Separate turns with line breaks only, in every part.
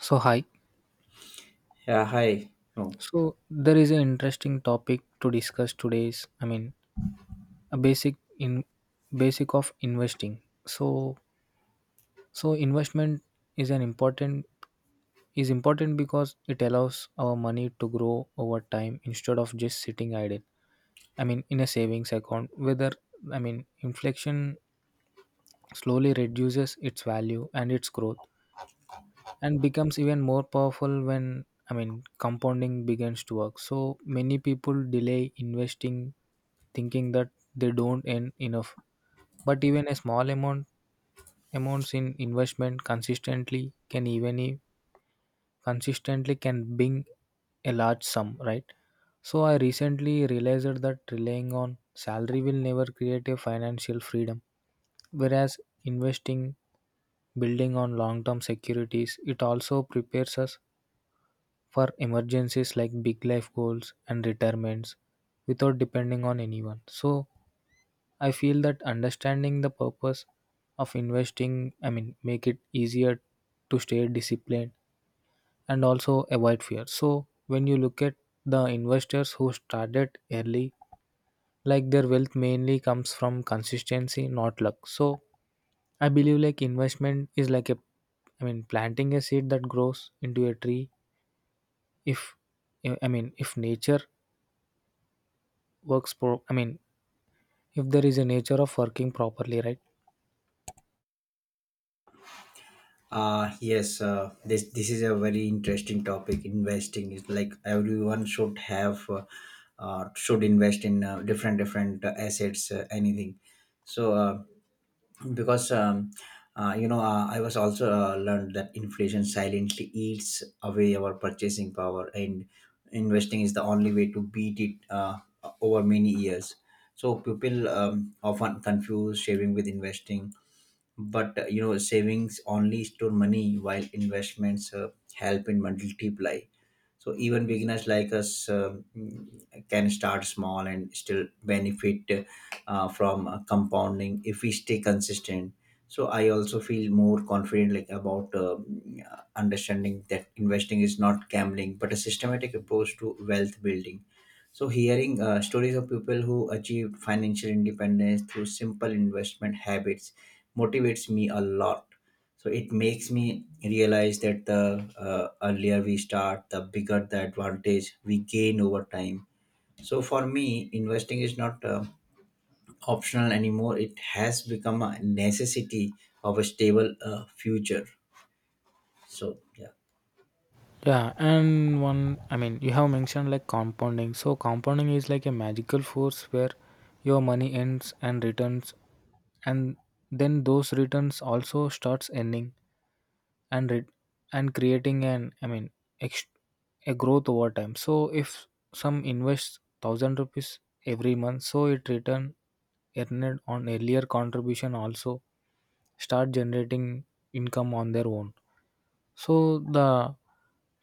So hi.
Yeah, hi. No.
So there is an interesting topic to discuss today's. I mean, a basic of investing. So investment is an important is important because it allows our money to grow over time instead of just sitting idle. I mean, in a savings account, whether I mean, inflation slowly reduces its value, and its growth and becomes even more powerful when, I mean, compounding begins to work. So many people delay investing, thinking that they don't earn enough, but even a small amounts in investment consistently, can even i- consistently can bring a large sum, right? So I recently realized that relying on salary will never create a financial freedom, whereas investing, building on long term securities, it also prepares us for emergencies like big life goals and retirements without depending on anyone. So I feel that understanding the purpose of investing, I mean, make it easier to stay disciplined and also avoid fear. So when you look at the investors who started early, like their wealth mainly comes from consistency, not luck. So I believe like investment is like a, I mean, planting a seed that grows into a tree. If, I mean, if nature works pro I mean, if there is a nature of working properly, right?
Yes, this is a very interesting topic. Investing is like everyone should have should invest in different assets, anything. So because you know I was also learned that inflation silently eats away our purchasing power, and investing is the only way to beat it over many years. So people often confuse saving with investing, but savings only store money, while investments help in multiply. So even beginners like us can start small and still benefit from compounding if we stay consistent. So I also feel more confident like about understanding that investing is not gambling but a systematic approach to wealth building. So hearing stories of people who achieved financial independence through simple investment habits motivates me a lot. So it makes me realize that the earlier we start, the bigger the advantage we gain over time. So for me, investing is not optional anymore. It has become a necessity of a stable future. So yeah.
Yeah, and one, I mean, you have mentioned like compounding. So compounding is like a magical force where your money ends and returns, and then those returns also starts ending and it and creating an I mean, ex, a growth over time. So if some invests 1000 rupees every month, so it return earned on earlier contribution also start generating income on their own. So the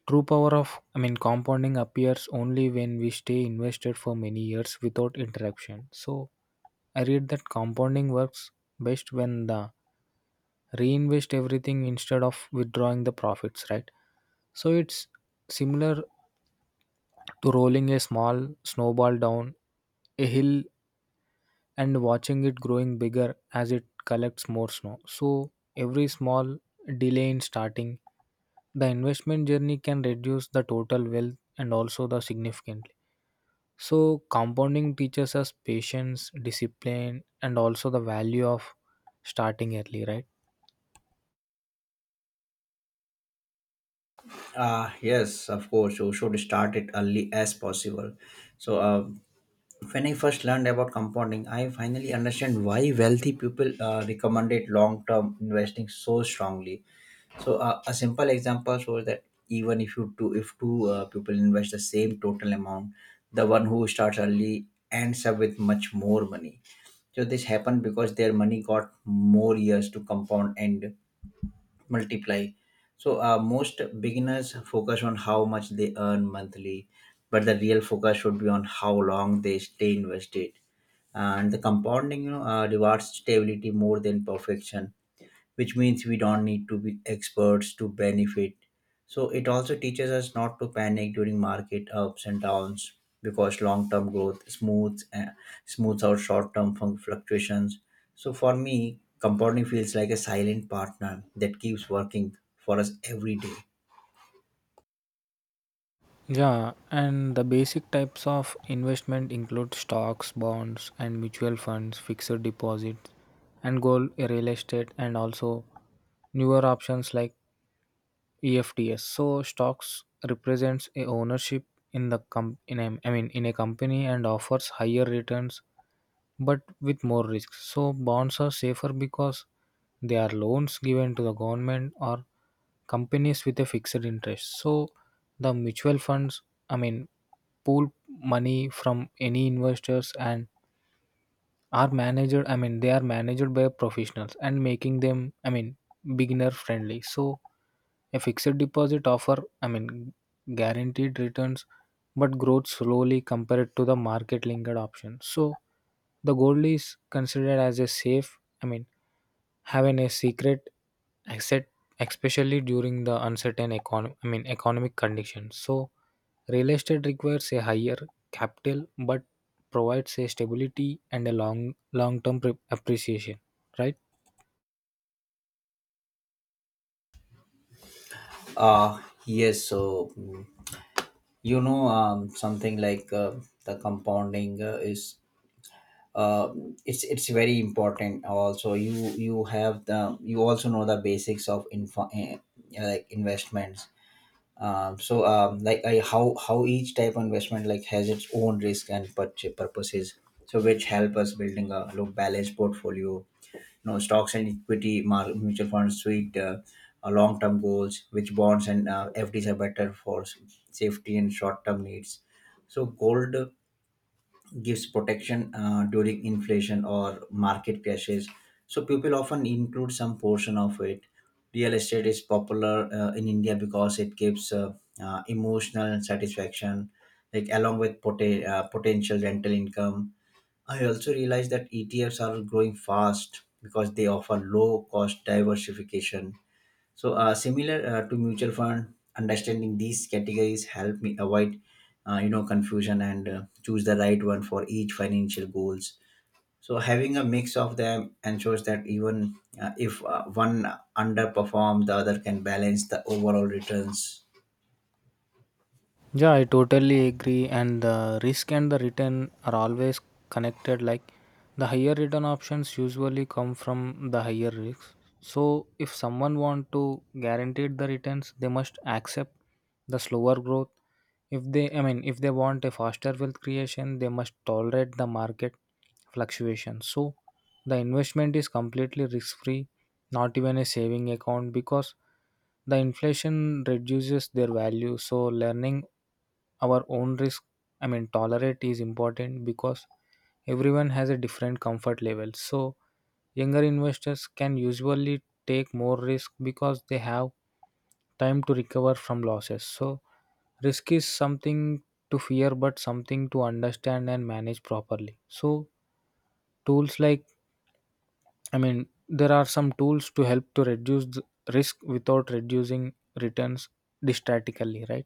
true power of, I mean, compounding appears only when we stay invested for many years without interruption. So I read that compounding works best when the reinvest everything instead of withdrawing the profits, right? So it's similar to rolling a small snowball down a hill and watching it growing bigger as it collects more snow. So every small delay in starting the investment journey can reduce the total wealth and also the significantly. So compounding teaches us patience, discipline, and also the value of starting early, right?
Yes, of course, you should start it early as possible. so uh, when I first learned about compounding, I finally understand why wealthy people recommended long-term investing so strongly. So a simple example shows that even if you two if two people invest the same total amount, the one who starts early ends up with much more money. So this happened because their money got more years to compound and multiply. So most beginners focus on how much they earn monthly, but the real focus should be on how long they stay invested. And the compounding, you know, rewards stability more than perfection, which means we don't need to be experts to benefit. So it also teaches us not to panic during market ups and downs because long-term growth smooths out short-term fluctuations. So for me, compounding feels like a silent partner that keeps working for us every day.
Yeah, and the basic types of investment include stocks, bonds, and mutual funds, fixed deposits, and gold, real estate, and also newer options like EFTs. So stocks represents a ownership in a, I mean, in a company, and offers higher returns but with more risks. So bonds are safer because they are loans given to the government or companies with a fixed interest. So the mutual funds, I mean, pool money from any investors and are managed. I mean, they are managed by professionals and making them, I mean, beginner friendly. So a fixed deposit offer, I mean, guaranteed returns, but growth slowly compared to the market linked option. So the gold is considered as a safe, I mean, having a secret asset, especially during the uncertain economic, I mean, economic conditions. So real estate requires a higher capital, but provides a stability and a long, long-term appreciation, right?
Uh yes. So mm, you know something like The compounding is uh, it's very important. Also, you have the you also know the basics of like investments. Like, how each type of investment like has its own risk and purposes, so which help us building a look balanced portfolio. You know, stocks and equity mutual funds suite long-term goals, which bonds and fds are better for safety and short-term needs. So gold gives protection during inflation or market crashes. So people often include some portion of it. Real estate is popular in India because it gives emotional satisfaction, like along with potential rental income. I also realized that ETFs are growing fast because they offer low cost diversification, so, similar to mutual fund. Understanding these categories help me avoid, you know, confusion and choose the right one for each financial goals. So, having a mix of them ensures that even if one underperforms, the other can balance the overall returns.
Yeah, I totally agree. And the risk and the return are always connected. Like the higher return options usually come from the higher risks. So if someone want to guaranteed the returns, they must accept the slower growth. If they, I mean, if they want a faster wealth creation, they must tolerate the market fluctuations. So the investment is completely risk free, not even a saving account, because the inflation reduces their value. So learning our own risk, I mean, tolerate is important because everyone has a different comfort level. So younger investors can usually take more risk because they have time to recover from losses. So risk is something to fear but something to understand and manage properly. So tools like, I mean, there are some tools to help to reduce the risk without reducing returns drastically, right?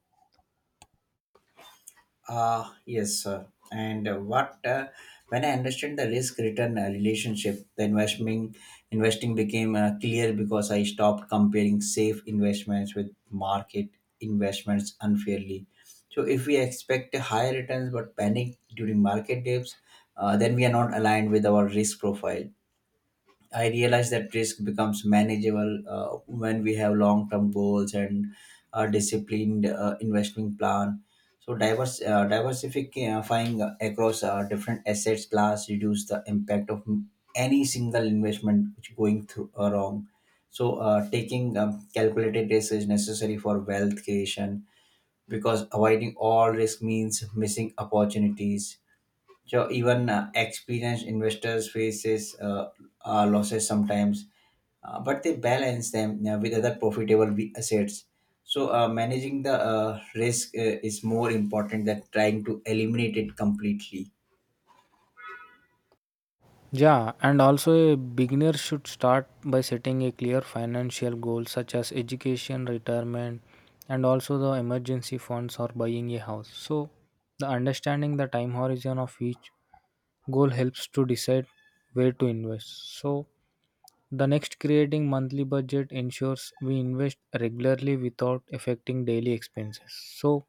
Yes, sir. And what when I understood the risk return relationship, the investment investing became clear because I stopped comparing safe investments with market investments unfairly. So if we expect higher returns but panic during market dips, then we are not aligned with our risk profile. I realize that risk becomes manageable when we have long-term goals and a disciplined investment plan. So diverse diversifying across different assets class reduce the impact of any single investment which going through wrong. So taking calculated risk is necessary for wealth creation because avoiding all risk means missing opportunities. So even experienced investors faces losses sometimes, but they balance them with other profitable assets. So managing the risk is more important than trying to eliminate it completely.
Yeah, and also a beginner should start by setting a clear financial goal such as education, retirement, and also the emergency funds or buying a house. So the understanding the time horizon of each goal helps to decide where to invest. So the next creating monthly budget ensures we invest regularly without affecting daily expenses. So,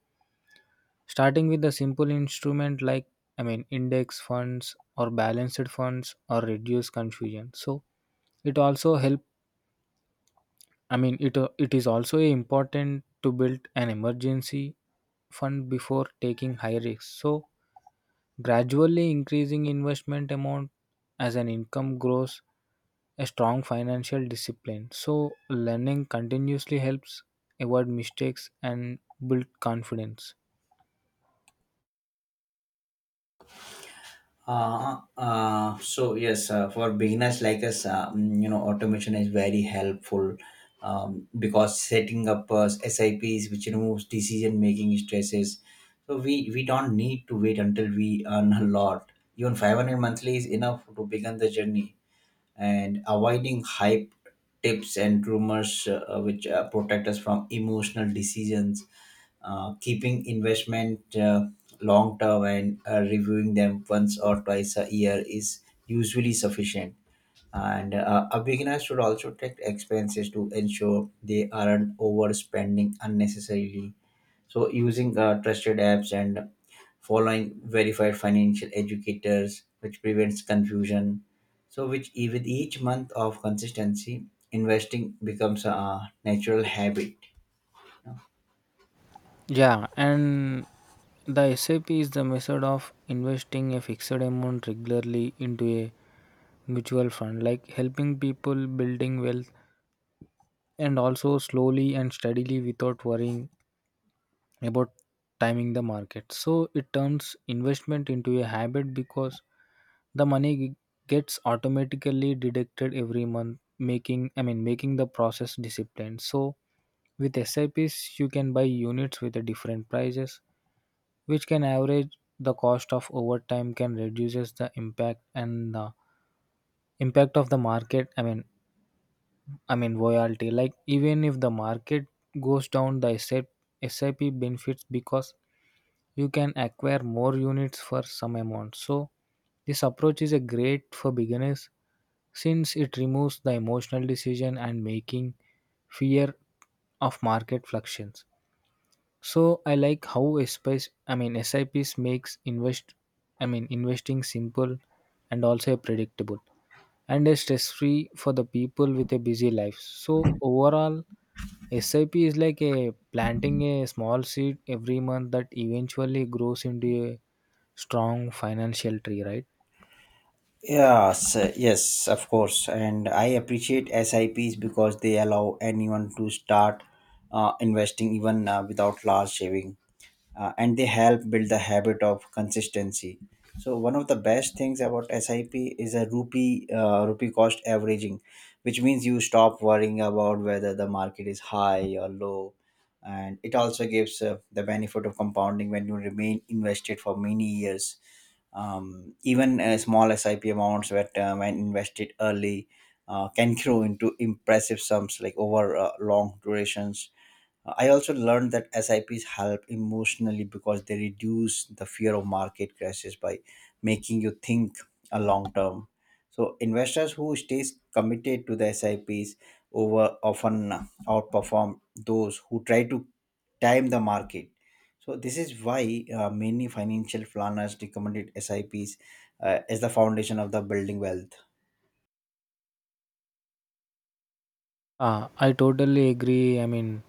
starting with a simple instrument like, I mean, index funds or balanced funds or reduce confusion. So it also help, I mean, it is also important to build an emergency fund before taking high risks. So gradually increasing investment amount as an income grows a strong financial discipline. So learning continuously helps avoid mistakes and build confidence.
So yes, for beginners like us, you know, automation is very helpful because setting up SIPs, which removes decision making stresses. So we don't need to wait until we earn a lot. Even 500 monthly is enough to begin the journey, and avoiding hype tips and rumors which protect us from emotional decisions. Keeping investment long term and reviewing them once or twice a year is usually sufficient. And a beginner should also take expenses to ensure they aren't overspending unnecessarily. So, using trusted apps and following verified financial educators, which prevents confusion. So, which with each month of consistency, investing becomes a natural habit.
Yeah, and the SIP is the method of investing a fixed amount regularly into a mutual fund, like helping people building wealth and also slowly and steadily without worrying about timing the market. So it turns investment into a habit because the money gets automatically deducted every month, making, I mean, making the process disciplined. So with SIPs you can buy units with the different prices, which can average the cost of overtime, can reduces the impact and the impact of the market, I mean, volatility, like even if the market goes down, the SIP benefits because you can acquire more units for some amount. So this approach is a great for beginners since it removes the emotional decision and making fear of market fluctuations. So I like how SIPs, I mean, SIPs makes I mean, investing simple and also predictable and a stress free for the people with a busy life. So overall, SIP is like a planting a small seed every month that eventually grows into a strong financial tree, right?
Yes, of course. And I appreciate SIPs because they allow anyone to start investing even without large saving. And they help build the habit of consistency. So one of the best things about sip is a rupee cost averaging, which means you stop worrying about whether the market is high or low. And it also gives the benefit of compounding when you remain invested for many years. Even small sip amounts that when invested early can grow into impressive sums like over long durations. I also learned that SIPs help emotionally because they reduce the fear of market crashes by making you think a long term. So investors who stays committed to the SIPs over often outperform those who try to time the market. So this is why many financial planners recommended SIPs as the foundation of the building wealth.
Ah, I totally agree. I mean,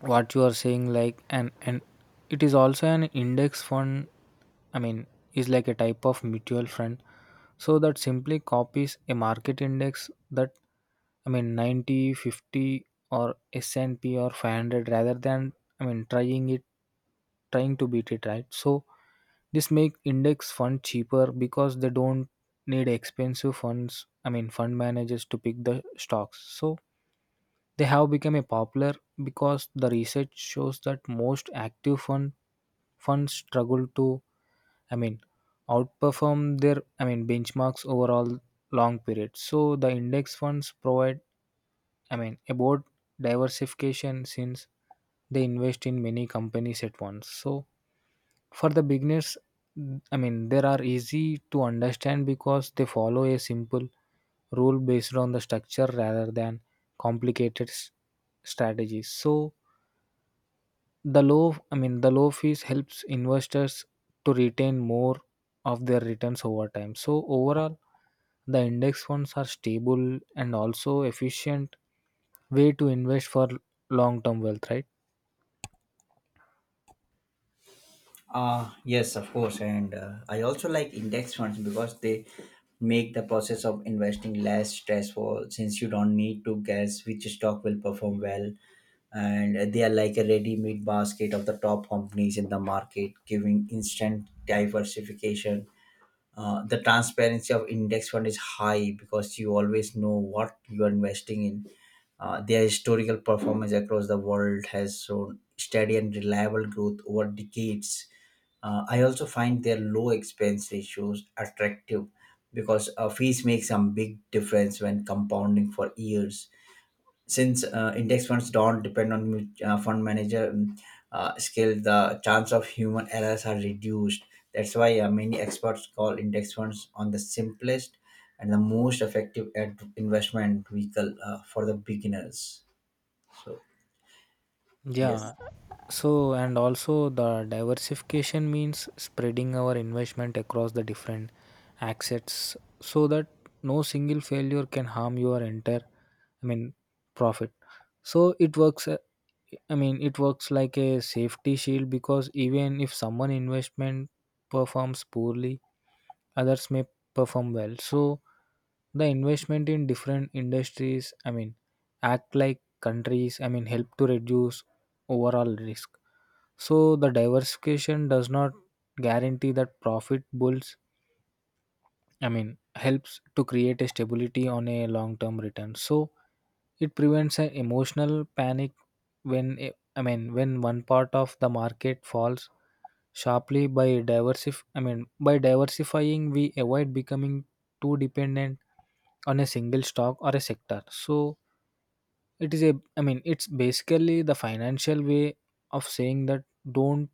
what you are saying like and it is also an index fund, I mean, is like a type of mutual fund so that simply copies a market index that, I mean, 90 50 or s&p or 500, rather than, I mean, trying to beat it, right? So this make index fund cheaper because they don't need expensive funds, I mean, fund managers to pick the stocks. So they have become a popular because the research shows that most active funds struggle to, I mean, outperform their, I mean, benchmarks overall long period. So the index funds provide, I mean, about diversification since they invest in many companies at once. So for the beginners, I mean, there are easy to understand because they follow a simple rule based on the structure rather than complicated strategies. So the low, I mean, the low fees helps investors to retain more of their returns over time. So overall, the index funds are stable and also efficient way to invest for long-term wealth, right?
Yes, of course. And I also like index funds because they make the process of investing less stressful since you don't need to guess which stock will perform well. And they are like a ready made basket of the top companies in the market, giving instant diversification. The transparency of index fund is high because you always know what you are investing in. Their historical performance across the world has shown steady and reliable growth over decades. I also find their low expense ratios attractive because fees make some big difference when compounding for years. Since index funds don't depend on fund manager skill, the chance of human errors are reduced. That's why many experts call index funds on the simplest and the most effective investment vehicle for the beginners. So yes.
Yeah. So, and also the diversification means spreading our investment across the different assets so that no single failure can harm your entire, I mean, profit. So it works, I mean, it works like a safety shield because even if someone investment performs poorly, others may perform well. So the investment in different industries, I mean, act like countries, I mean, help to reduce overall risk. So the diversification does not guarantee that profit bulls, I mean, helps to create a stability on a long term return. So it prevents an emotional panic when I mean, when one part of the market falls sharply. By diversif I mean, by diversifying we avoid becoming too dependent on a single stock or a sector. So it is a, I mean, it's basically the financial way of saying that don't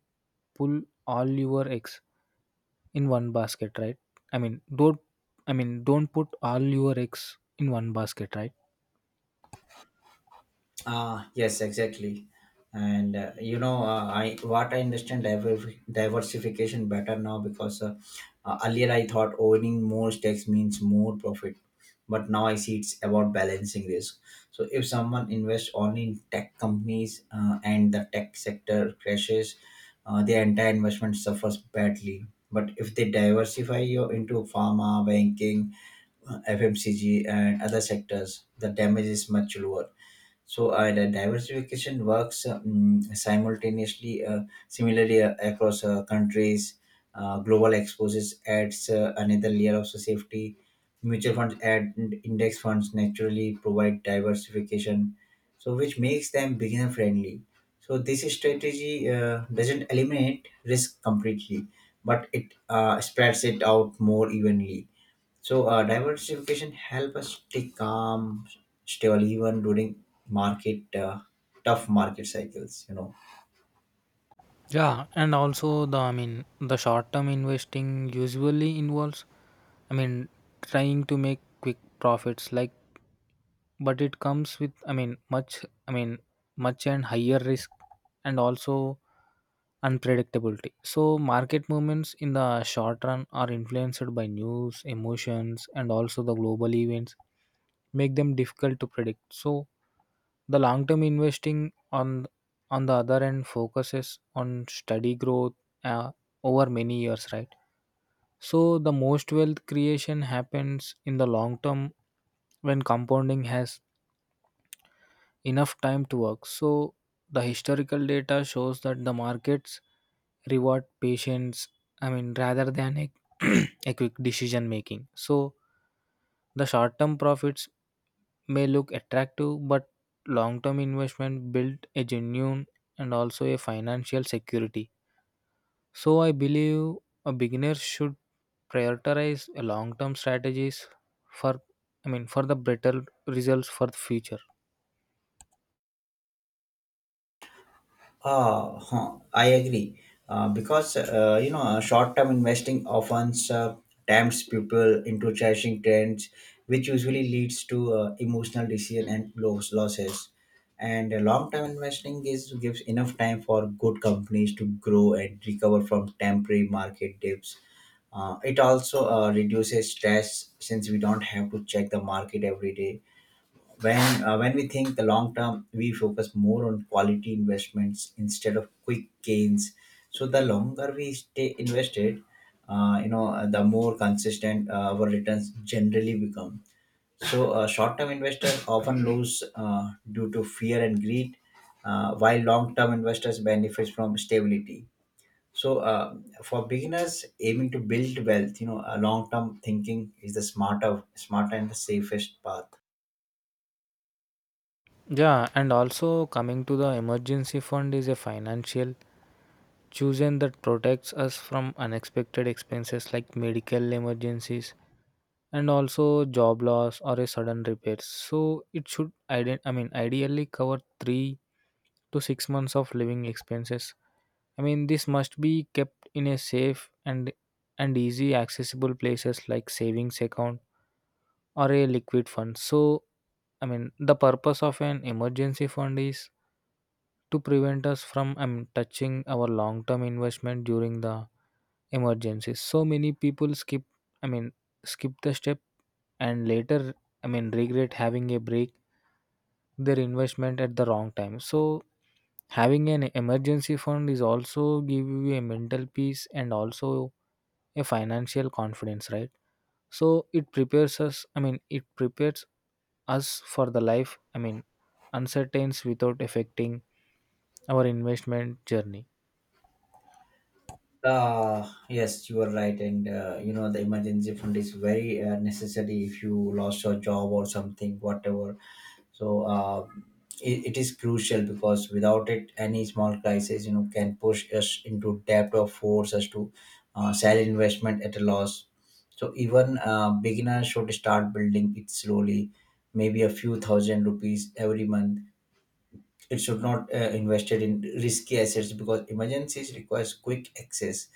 pull all your eggs in one basket, right? I mean, don't, I mean, don't put all your eggs in one basket, right?
Yes, exactly. And I what I understand diversification better now because earlier I thought owning more stakes means more profit, but now I see it's about balancing risk. So if someone invests only in tech companies and the tech sector crashes, their entire investment suffers badly. But if they diversify you into pharma, banking, FMCG, and other sectors, the damage is much lower. So the diversification works simultaneously similarly across countries. Global exposures adds another layer of safety. Mutual funds and index funds naturally provide diversification, so which makes them beginner friendly. So this strategy doesn't eliminate risk completely, but it spreads it out more evenly. So diversification help us stay calm, stable even during market tough market cycles. You know.
Yeah, and also the, I mean, the short term investing usually involves, I mean, trying to make quick profits, like. But it comes with, I mean, much, I mean, much and higher risk and also unpredictability. So market movements in the short run are influenced by news, emotions, and also the global events make them difficult to predict. So the long term investing, on the other end, focuses on steady growth, uh, over many years, right? So the most wealth creation happens in the long term when compounding has enough time to work. So the historical data shows that the markets reward patience, I mean, rather than a, a quick decision making. So the short term profits may look attractive, but long term investment build a genuine and also a financial security. So I believe a beginner should prioritize long term strategies for, I mean, for the better results for the future.
I agree. Because short-term investing often tempts people into chasing trends, which usually leads to emotional decision and losses. And long-term investing is gives enough time for good companies to grow and recover from temporary market dips. It also reduces stress since we don't have to check the market every day. When we think the long term, we focus more on quality investments instead of quick gains. So the longer we stay invested, you know, the more consistent our returns generally become. So short term investors often lose due to fear and greed, while long term investors benefit from stability. So for beginners aiming to build wealth, you know, a long term thinking is the smarter and the safest path.
Yeah, and also coming to the emergency fund is a financial chosen that protects us from unexpected expenses like medical emergencies and also job loss or a sudden repairs. So it should I mean, ideally cover 3 to 6 months of living expenses. I mean this must be kept in a safe and easy accessible places like savings account or a liquid fund. So I mean, the purpose of an emergency fund is to prevent us from touching our long term investment during the emergency. So many people skip, I mean, skip the step and later, I mean, regret having a break their investment at the wrong time. So having an emergency fund is also give you a mental peace and also a financial confidence, right? So it prepares us. I mean, it prepares us for the life, I mean, uncertains without affecting our investment journey.
Yes, you are right, and you know, the emergency fund is very necessary if you lost your job or something, whatever. So it is crucial because without it, any small crisis, you know, can push us into debt or force us to sell investment at a loss. So even beginners should start building it slowly, maybe a few thousand rupees every month. It should not invested in risky assets because emergencies requires quick access.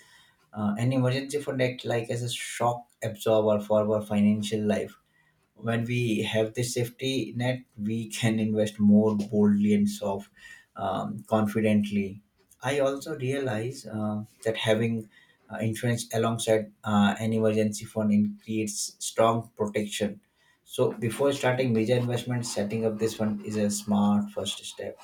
An emergency fund act like as a shock absorber for our financial life. When we have this safety net, we can invest more boldly and confidently. I also realize that having insurance alongside an emergency fund creates strong protection. So before starting major investments, setting up this fund is a smart first step.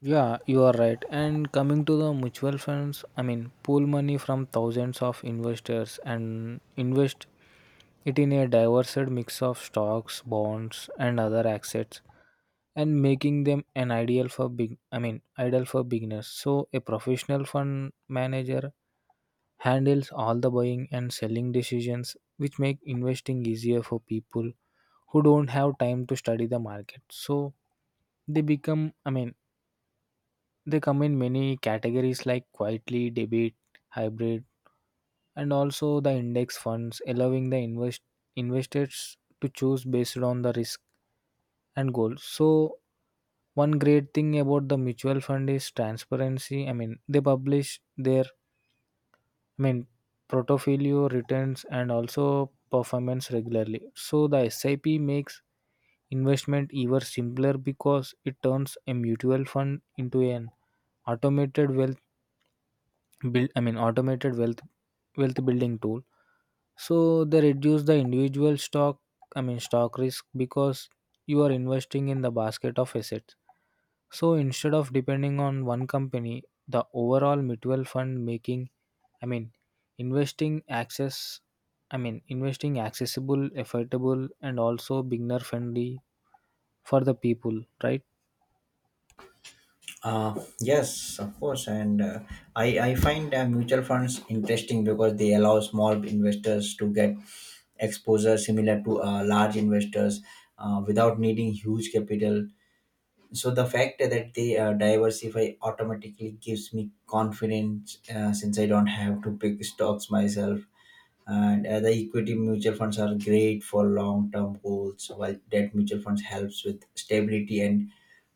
Yeah, you are right. And coming to the mutual funds, I mean, pool money from thousands of investors and invest it in a diverse mix of stocks, bonds, and other assets, and making them an ideal for big. I mean, ideal for beginners. So a professional fund manager handles all the buying and selling decisions, which make investing easier for people who don't have time to study the market. So they become, I mean, they come in many categories like quietly, debit, hybrid, and also the index funds, allowing the investors to choose based on the risk and goal. So one great thing about the mutual fund is transparency. I mean, they publish their, I mean, portfolio returns and also performance regularly. So the SIP makes investment ever simpler because it turns a mutual fund into an automated wealth build I mean automated wealth building tool. So they reduce the individual stock I mean stock risk because you are investing in the basket of assets. So instead of depending on one company, the overall mutual fund making, I mean, investing access investing accessible, affordable, and also beginner friendly for the people, right?
Uh, yes, of course, and I find mutual funds interesting because they allow small investors to get exposure similar to large investors without needing huge capital. So the fact that they diversify automatically gives me confidence since I don't have to pick stocks myself. And the equity mutual funds are great for long term goals, while debt mutual funds helps with stability and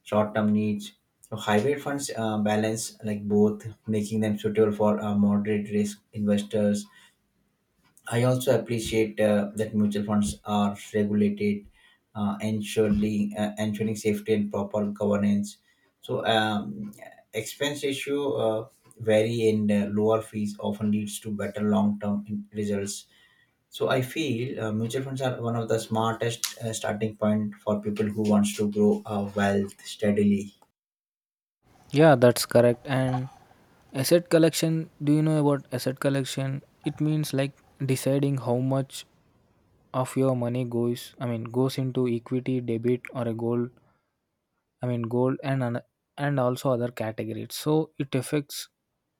short-term needs. So hybrid funds balance like both, making them suitable for moderate risk investors. I also appreciate that mutual funds are regulated, ensuring safety and proper governance. So expense ratio uh, vary, and lower fees often leads to better long-term results. So I feel mutual funds are one of the smartest starting point for people who wants to grow wealth steadily.
Yeah, that's correct. And asset collection, do you know about asset collection? It means like deciding how much of your money goes, I mean, goes into equity, debit, or a gold, I mean, and also other categories. So it affects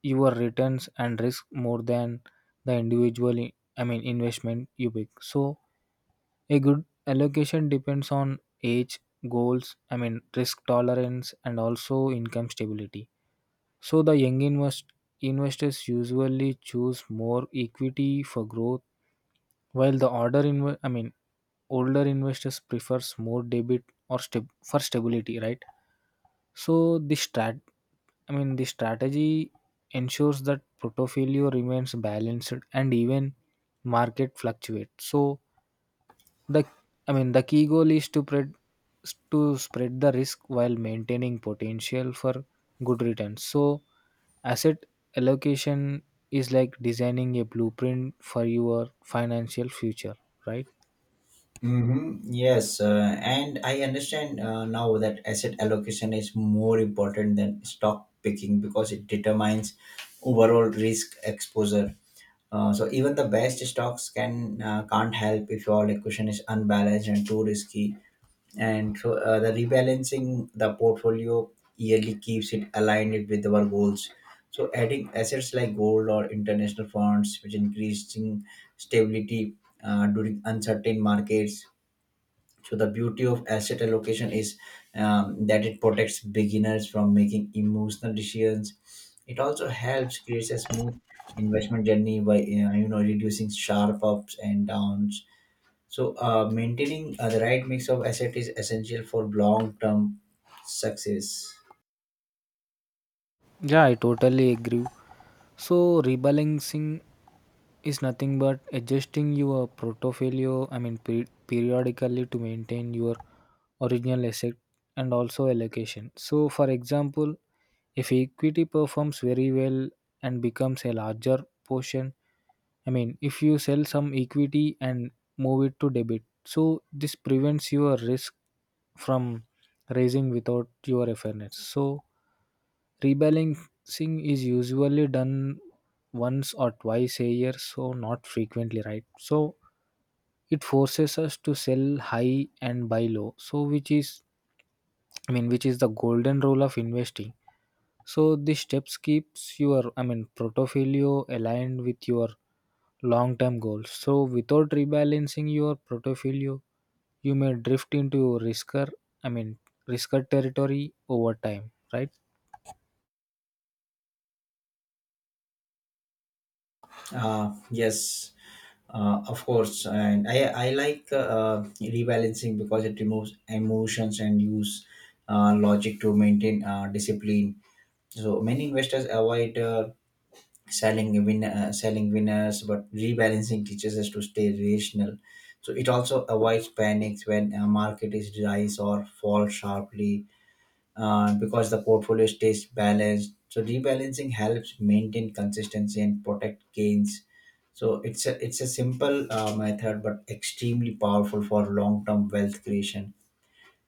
your returns and risk more than the individual, I mean, investment you pick. So a good allocation depends on age, goals, I mean, risk tolerance, and also income stability. So the investors usually choose more equity for growth, while the older investors prefers more debit for stability, right? So the strat I mean the strategy ensures that portfolio remains balanced and even market fluctuates. So the I mean the key goal is to spread the risk while maintaining potential for good returns. So asset allocation is like designing a blueprint for your financial future, right?
Mm-hmm. Yes, and I understand now that asset allocation is more important than stock picking because it determines overall risk exposure. So even the best stocks can't help if your allocation is unbalanced and too risky. And so the rebalancing the portfolio yearly keeps it aligned with our goals. So adding assets like gold or international funds, which increasing stability during uncertain markets. So the beauty of asset allocation is that it protects beginners from making emotional decisions. It also helps create a smooth investment journey by, you know, reducing sharp ups and downs. So maintaining the right mix of asset is essential for long term success.
Yeah, I totally agree. So rebalancing is nothing but adjusting your portfolio, I mean, periodically to maintain your original asset and also allocation. So, for example, if equity performs very well and becomes a larger portion, I mean, if you sell some equity and move it to debit, so this prevents your risk from raising without your awareness. So rebalancing is usually done once or twice a year, so not frequently, right? So it forces us to sell high and buy low. So which is the golden rule of investing. So these steps keeps your portfolio aligned with your long-term goals. So without rebalancing your portfolio, you may drift into risker. I mean, risker territory over time, right?
Yes, of course, and I like rebalancing because it removes emotions and use logic to maintain discipline. So many investors avoid selling winners, but rebalancing teaches us to stay rational. So it also avoids panics when a market is rise or fall sharply, because the portfolio stays balanced. So rebalancing helps maintain consistency and protect gains. So it's a simple method, but extremely powerful for long term wealth creation.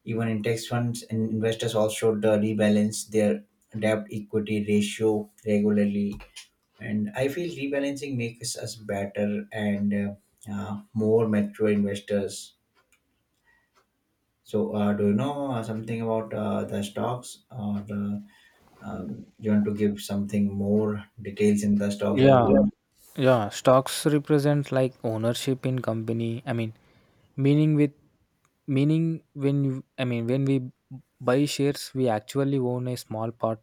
Even index funds and investors also should rebalance their debt equity ratio regularly. And I feel rebalancing makes us better and more mature investors. So, do you know something about the stocks, or you want to give something more details in the stocks, or…
Yeah, yeah. Stocks represent like ownership in company. I mean, meaning with meaning when when we buy shares, we actually own a small part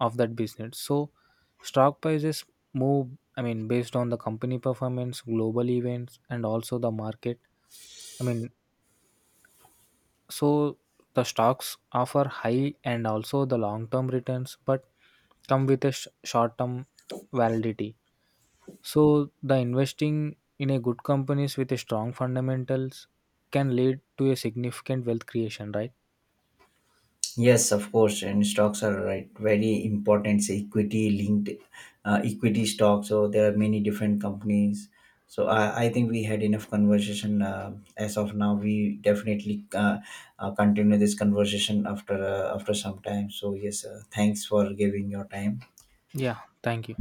of that business. So stock prices move. I mean, based on the company performance, global events, and also the market. I mean, so the stocks offer high and also the long term returns but come with a short term validity. So the investing in a good companies with a strong fundamentals can lead to a significant wealth creation, right?
Yes, of course, and stocks are right very important. Say equity linked, equity stocks. So there are many different companies. So I think we had enough conversation as of now. We definitely continue this conversation after after some time. So yes, thanks for giving your time.
Yeah, thank you.